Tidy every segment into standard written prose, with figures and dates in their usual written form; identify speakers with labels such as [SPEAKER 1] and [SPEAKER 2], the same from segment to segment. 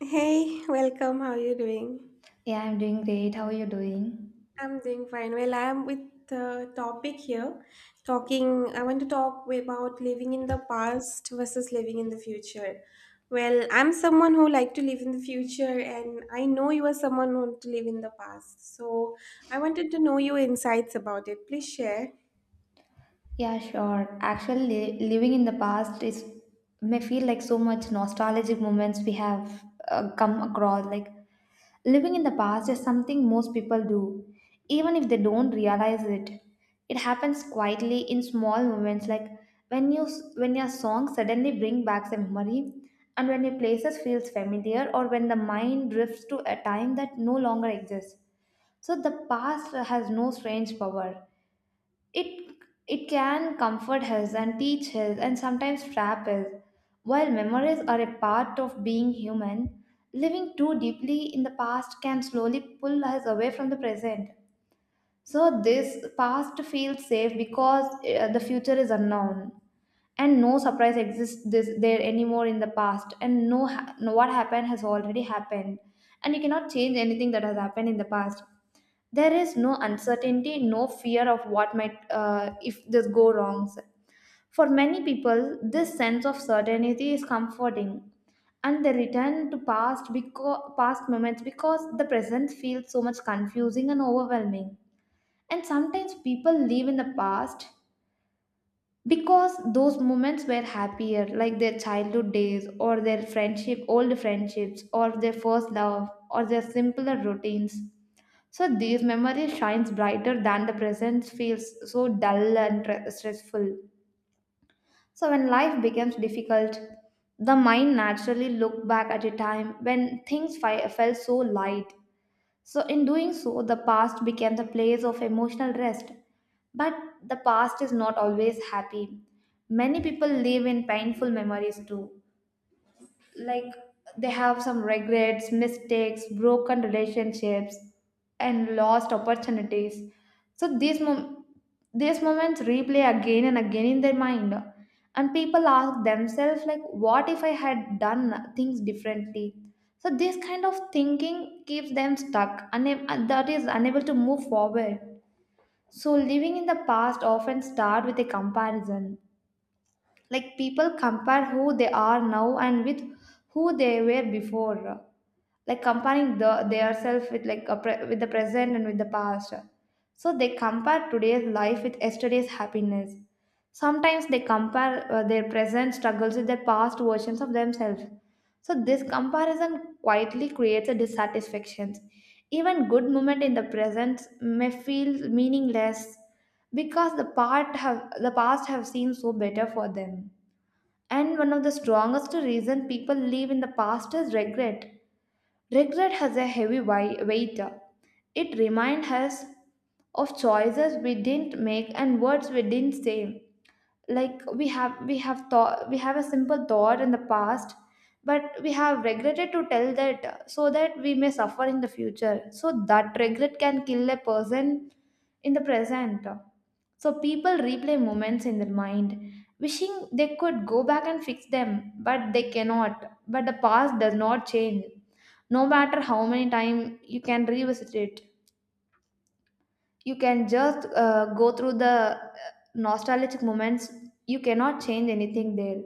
[SPEAKER 1] Hey, welcome. How are you doing?
[SPEAKER 2] Yeah, I'm doing great. How are you doing?
[SPEAKER 1] I'm doing fine. Well, I'm with the topic here. Talking, I want to talk about living in the past versus living in the future. Well, I'm someone who like to live in the future, and I know you are someone who want to live in the past. So I wanted to know your insights about it. Please share.
[SPEAKER 2] Yeah, sure. Actually, living in the past is may feel like so much nostalgic moments we have come across. Like living in the past is something most people do, even if they don't realize it. It happens quietly in small moments, like when when your song suddenly bring back a memory, and when your places feels familiar, or when the mind drifts to a time that no longer exists. So the past has no strange power. It it can comfort us and teach us and sometimes trap us. While memories are a part of being human, living too deeply in the past can slowly pull us away from the present. So this past feels safe because the future is unknown, and no surprise exists this, there anymore in the past, and no, what happened has already happened, and you cannot change anything that has happened in the past. There is no uncertainty, no fear of what might if this go wrongs. For many people this sense of certainty is comforting, and they return to past because past moments, because the present feels so much confusing and overwhelming. And sometimes people live in the past because those moments were happier, like their childhood days or their friendship, old friendships, or their first love, or their simpler routines. So these memories shines brighter than the present feels so dull and stressful. So when life becomes difficult, the mind naturally look back at a time when things felt so light. So, in doing so, the past became the place of emotional rest. But the past is not always happy. Many people live in painful memories too, like they have some regrets, mistakes, broken relationships, and lost opportunities. So these moments replay again and again in their mind, and people ask themselves like, "What if I had done things differently?" So this kind of thinking keeps them stuck, and that is unable to move forward. So living in the past often start with a comparison, like people compare who they are now and with who they were before, like comparing the themselves with like with the present and with the past. So they compare today's life with yesterday's happiness. Sometimes they compare their present struggles with their past versions of themselves. So this comparison quietly creates a dissatisfaction. Even good moment in the present may feel meaningless because the part have the past have seemed so better for them. And one of the strongest reasons people live in the past is regret. Regret has a heavy weight. It reminds us of choices we didn't make and words we didn't say. Like we have thought, we have a simple thought in the past, but we have regretted to tell that, so that we may suffer in the future, so that regret can kill a person in the present. So people replay moments in their mind wishing they could go back and fix them, but they cannot. But the past does not change no matter how many times you can revisit it. You can just go through the nostalgic moments. You cannot change anything there.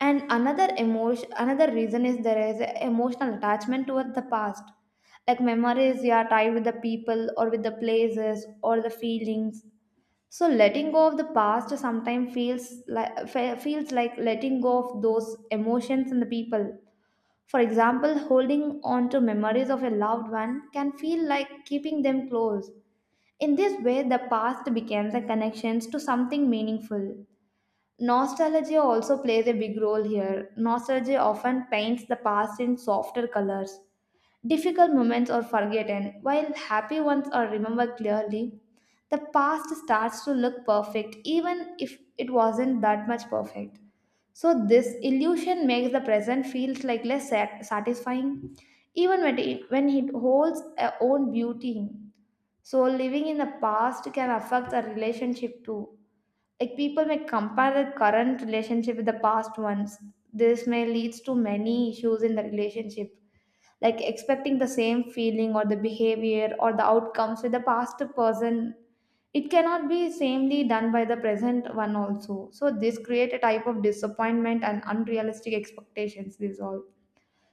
[SPEAKER 2] And another emotion, another reason is, there is a emotional attachment towards the past, like memories you are tied with the people or with the places or the feelings. So letting go of the past sometimes feels like feels like letting go of those emotions and the people. For example, holding on to memories of a loved one can feel like keeping them close. In this way, the past becomes a connection to something meaningful. Nostalgia also plays a big role here. Nostalgia often paints the past in softer colors. Difficult moments are forgotten, while happy ones are remembered clearly. The past starts to look perfect, even if it wasn't that much perfect. So this illusion makes the present feels like satisfying, even when when it holds a own beauty. So living in the past can affect the relationship too. Like people may compare the current relationship with the past ones. This may leads to many issues in the relationship, like expecting the same feeling or the behavior or the outcomes with the past person. It cannot be samely done by the present one also, so this create a type of disappointment and unrealistic expectations. This all,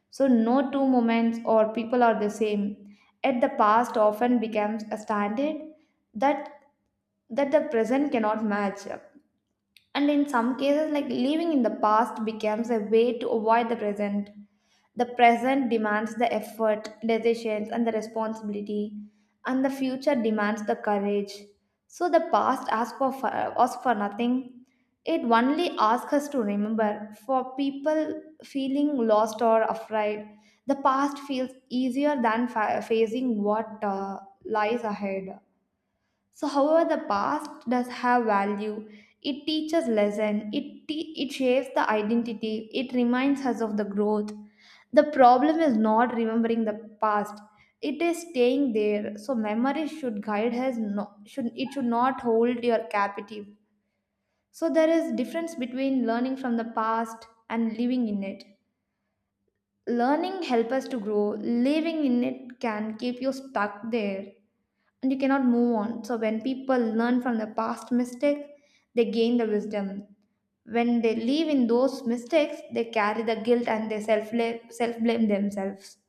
[SPEAKER 2] so no two moments or people are the same, yet the past often becomes a standard that that the present cannot match up. And in some cases, like living in the past becomes a way to avoid the present. The present demands the effort, decisions, and the responsibility, and the future demands the courage. So the past asks for asks for nothing. It only asks us to remember. For people feeling lost or afraid, the past feels easier than facing what lies ahead. So, however, the past does have value. It teaches lesson. It shapes the identity. It reminds us of the growth. The problem is not remembering the past. It is staying there. So memory should guide us. No, should it should not hold your captive. So there is difference between learning from the past and living in it. Learning help us to grow. Living in it can keep you stuck there and you cannot move on. So when people learn from the past mistake, they gain the wisdom. When they live in those mistakes, they carry the guilt and they self blame themselves.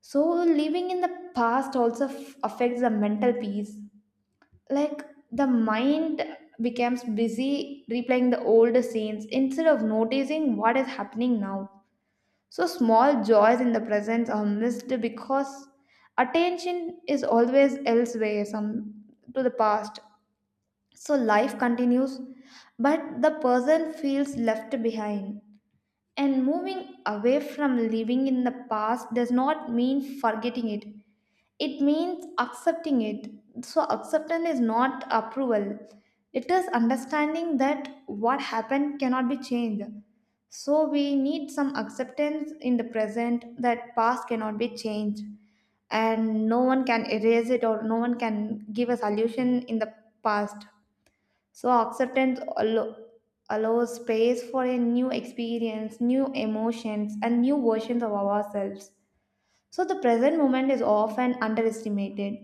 [SPEAKER 2] So living in the past also affects the mental peace. Like the mind becomes busy replaying the old scenes instead of noticing what is happening now. So small joys in the present are missed because attention is always elsewhere, some to the past. So life continues, but the person feels left behind. And moving away from living in the past does not mean forgetting it, it means accepting it. So acceptance is not approval, it is understanding that what happened cannot be changed. So we need some acceptance in the present that past cannot be changed, and no one can erase it or no one can give a solution in the past. So allows space for a new experience, new emotions, and new versions of ourselves. So the present moment is often underestimated.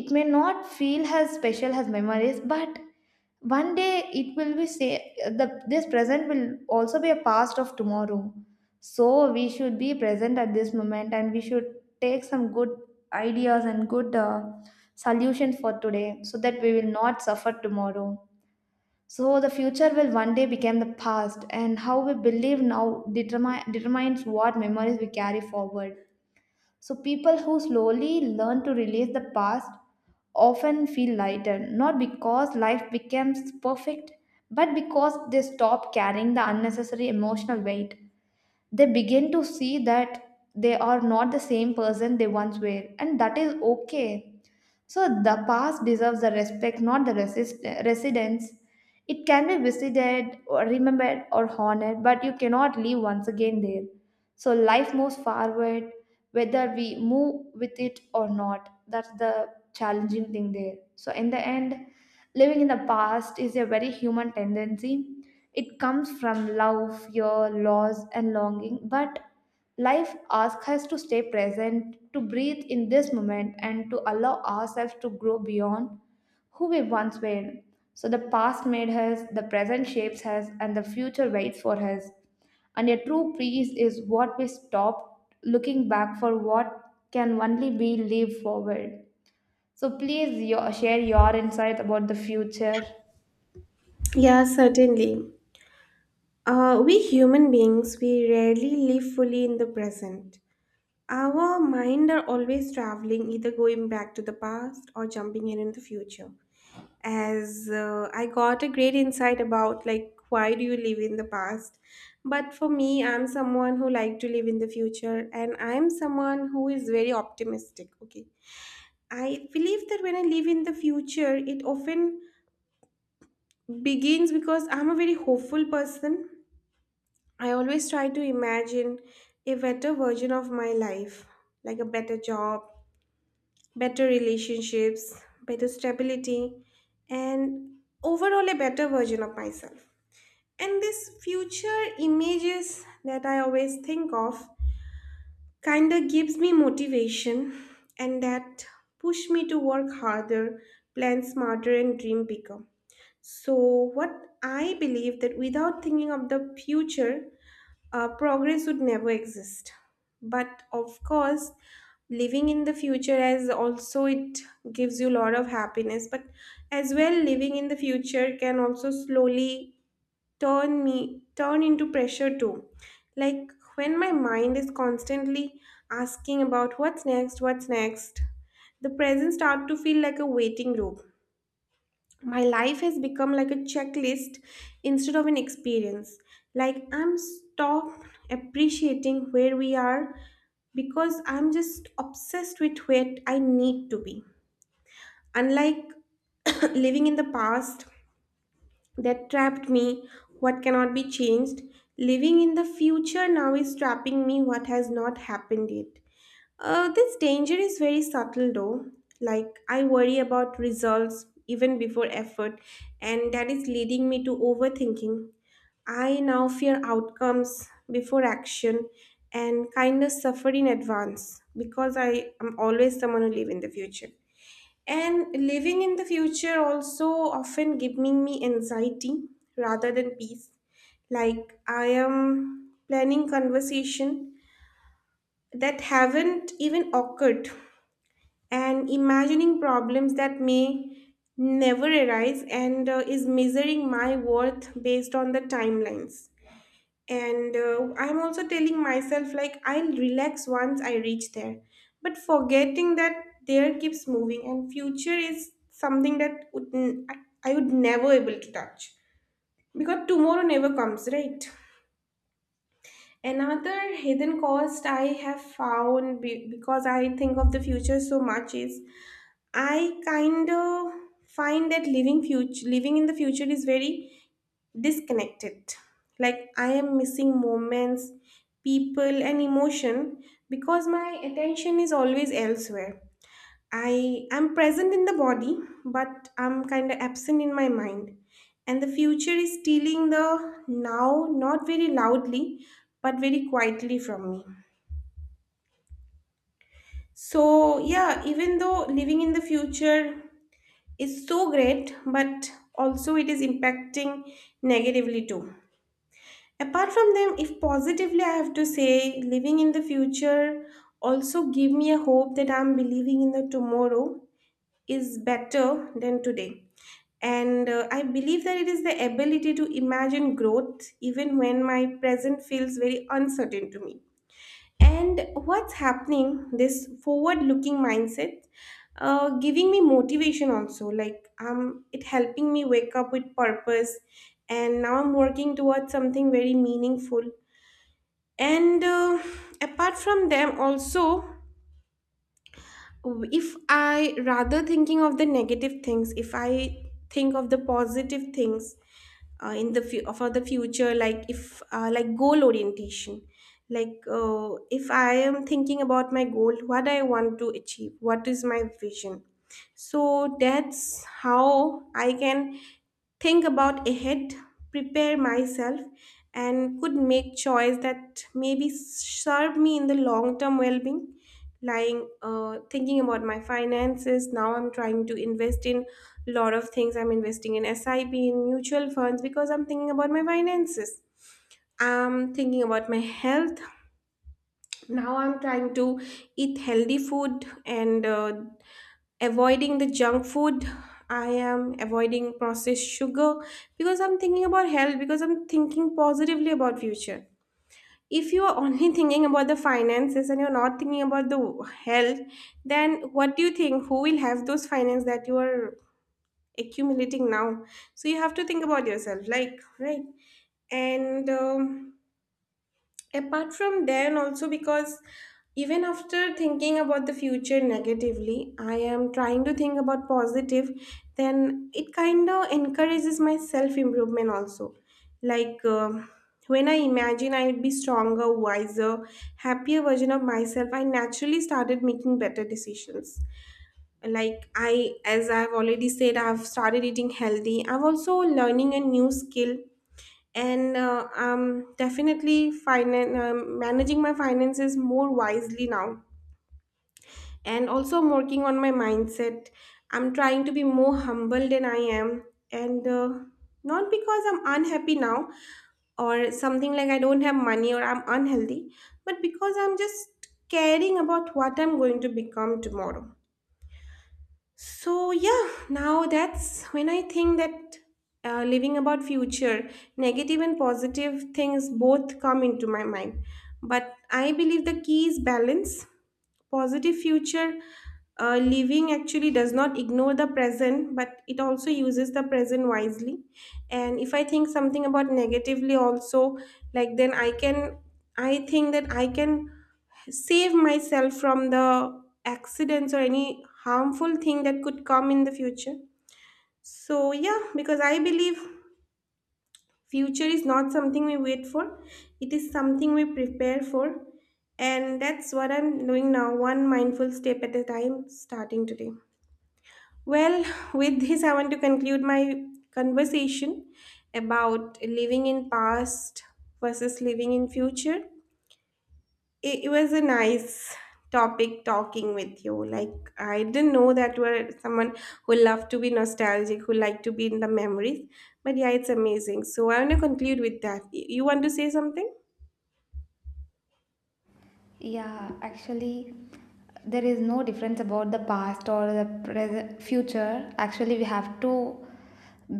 [SPEAKER 2] It may not feel as special as memories, but one day it will be say the this present will also be a past of tomorrow. So we should be present at this moment and we should take some good ideas and good solutions for today so that we will not suffer tomorrow. So the future will one day become the past, and how we believe now determines what memories we carry forward. So people who slowly learn to release the past often feel lighter, not because life becomes perfect, but because they stop carrying the unnecessary emotional weight. They begin to see that they are not the same person they once were, and that is okay. So the past deserves the respect, not the residence. It can be visited, or remembered, or honored, but you cannot live once again there. So life moves forward, whether we move with it or not. That's the challenging thing there. So, in the end, living in the past is a very human tendency. It comes from love, fear, loss, and longing. But life asks us to stay present, to breathe in this moment, and to allow ourselves to grow beyond who we once were. So, the past made us, the present shapes us, and the future waits for us. And a true peace is what we stop looking back for what can only be lived forward. So please share your insight about the future.
[SPEAKER 1] Yeah, certainly. We human beings, we rarely live fully in the present. Our mind are always traveling, either going back to the past or jumping in the future. As I got a great insight about like why do you live in the past? But for me, I'm someone who like to live in the future, and I'm someone who is very optimistic. Okay, I believe that when I live in the future, it often begins because I'm a very hopeful person. I always try to imagine a better version of my life, like a better job better relationships, better stability, and overall a better version of myself. And this future images that I always think of kind of gives me motivation and that push me to work harder, plan smarter and dream bigger. So what I believe that without thinking of the future, progress would never exist, but of course living in the future as also it gives you a lot of happiness, but as well living in the future can also slowly turn into pressure too. Like when my mind is constantly asking about what's next, what's next, the present start to feel like a waiting room. My life has become like a checklist instead of an experience. Like I'm stopped appreciating where we are because I'm just obsessed with where I need to be. Unlike living in the past that trapped me, what cannot be changed, living in the future now is trapping me, what has not happened yet. This danger is very subtle though. Like, I worry about results even before effort, and that is leading me to overthinking. I now fear outcomes before action, and kind of suffer in advance because I am always someone who live in the future. And living in the future also often giving me anxiety rather than peace. Like I am planning conversation that haven't even occurred and imagining problems that may never arise, and is measuring my worth based on the timelines, and I'm also telling myself like I'll relax once I reach there, but forgetting that there keeps moving and future is something that would I would never able to touch, because tomorrow never comes, right? Another hidden cost I have found because I think of the future so much is I kind of find that living in the future is very disconnected. Like I am missing moments, people and emotion because my attention is always elsewhere. I am present in the body, but I'm kind of absent in my mind. And the future is stealing the now, not very loudly, but very quietly from me. So, yeah, even though living in the future is so great, but also it is impacting negatively too. Apart from them, if positively I have to say, living in the future also give me a hope that I'm believing in the tomorrow is better than today. And I believe that it is the ability to imagine growth even when my present feels very uncertain to me. And what's happening, this forward looking mindset, giving me motivation also. Like it helping me wake up with purpose. And now I'm working towards something very meaningful. And apart from them, also if I rather thinking of the negative things, if I think of the positive things in the for the future, like if like goal orientation, like if I am thinking about my goal, what I want to achieve, what is my vision, so that's how I can think about ahead, prepare myself, and could make choice that maybe serve me in the long term well being. Lying thinking about my finances, now I'm trying to invest in a lot of things, I'm investing in sip in mutual funds because I'm thinking about my finances. I'm thinking about my health. Now I'm trying to eat healthy food and avoiding the junk food. I am avoiding processed sugar because I'm thinking about health, because I'm thinking positively about future. If you are only thinking about the finances and you're not thinking about the health, then what do you think who will have those finance that you are accumulating now? So you have to think about yourself, like, right? And apart from then also, because even after thinking about the future negatively I am trying to think about positive, then it kind of encourages my self improvement also. Like when I imagine I would be stronger, wiser, happier version of myself, I naturally started making better decisions. Like I as I've already said, I've started eating healthy, I've also learning a new skill, and I'm definitely managing my finances more wisely now. And also I'm working on my mindset. I'm trying to be more humble than I am. And not because I'm unhappy now, or something like I don't have money or I'm unhealthy, but because I'm just caring about what I'm going to become tomorrow. So yeah, now that's when I think that living about future, negative and positive things both come into my mind. But I believe the key is balance. Positive future living actually does not ignore the present, but it also uses the present wisely. And if I think something about negatively also, like then I can, I think that I can save myself from the accidents or any harmful thing that could come in the future. So yeah, because I believe future is not something we wait for, it is something we prepare for, and that's what I'm doing now, one mindful step at a time starting today. Well, with this I want to conclude my conversation about living in past versus living in future. It was a nice topic talking with you. Like I didn't know that you were someone who loved to be nostalgic, who liked to be in the memories, but yeah, it's amazing. So I want to conclude with that. You want to say something?
[SPEAKER 2] Yeah, actually, there is no difference about the past or the present future. Actually, we have to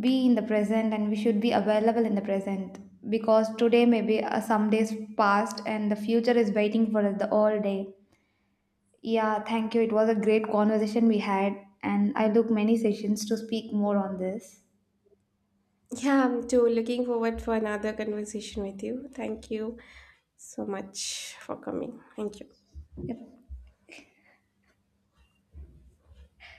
[SPEAKER 2] be in the present and we should be available in the present, because today maybe some days past and the future is waiting for us the all day. Yeah, thank you. It was a great conversation we had, and I look many sessions to speak more on this.
[SPEAKER 1] Yeah, I'm too looking forward for another conversation with you. Thank you so much for coming. Thank you.
[SPEAKER 2] Yeah,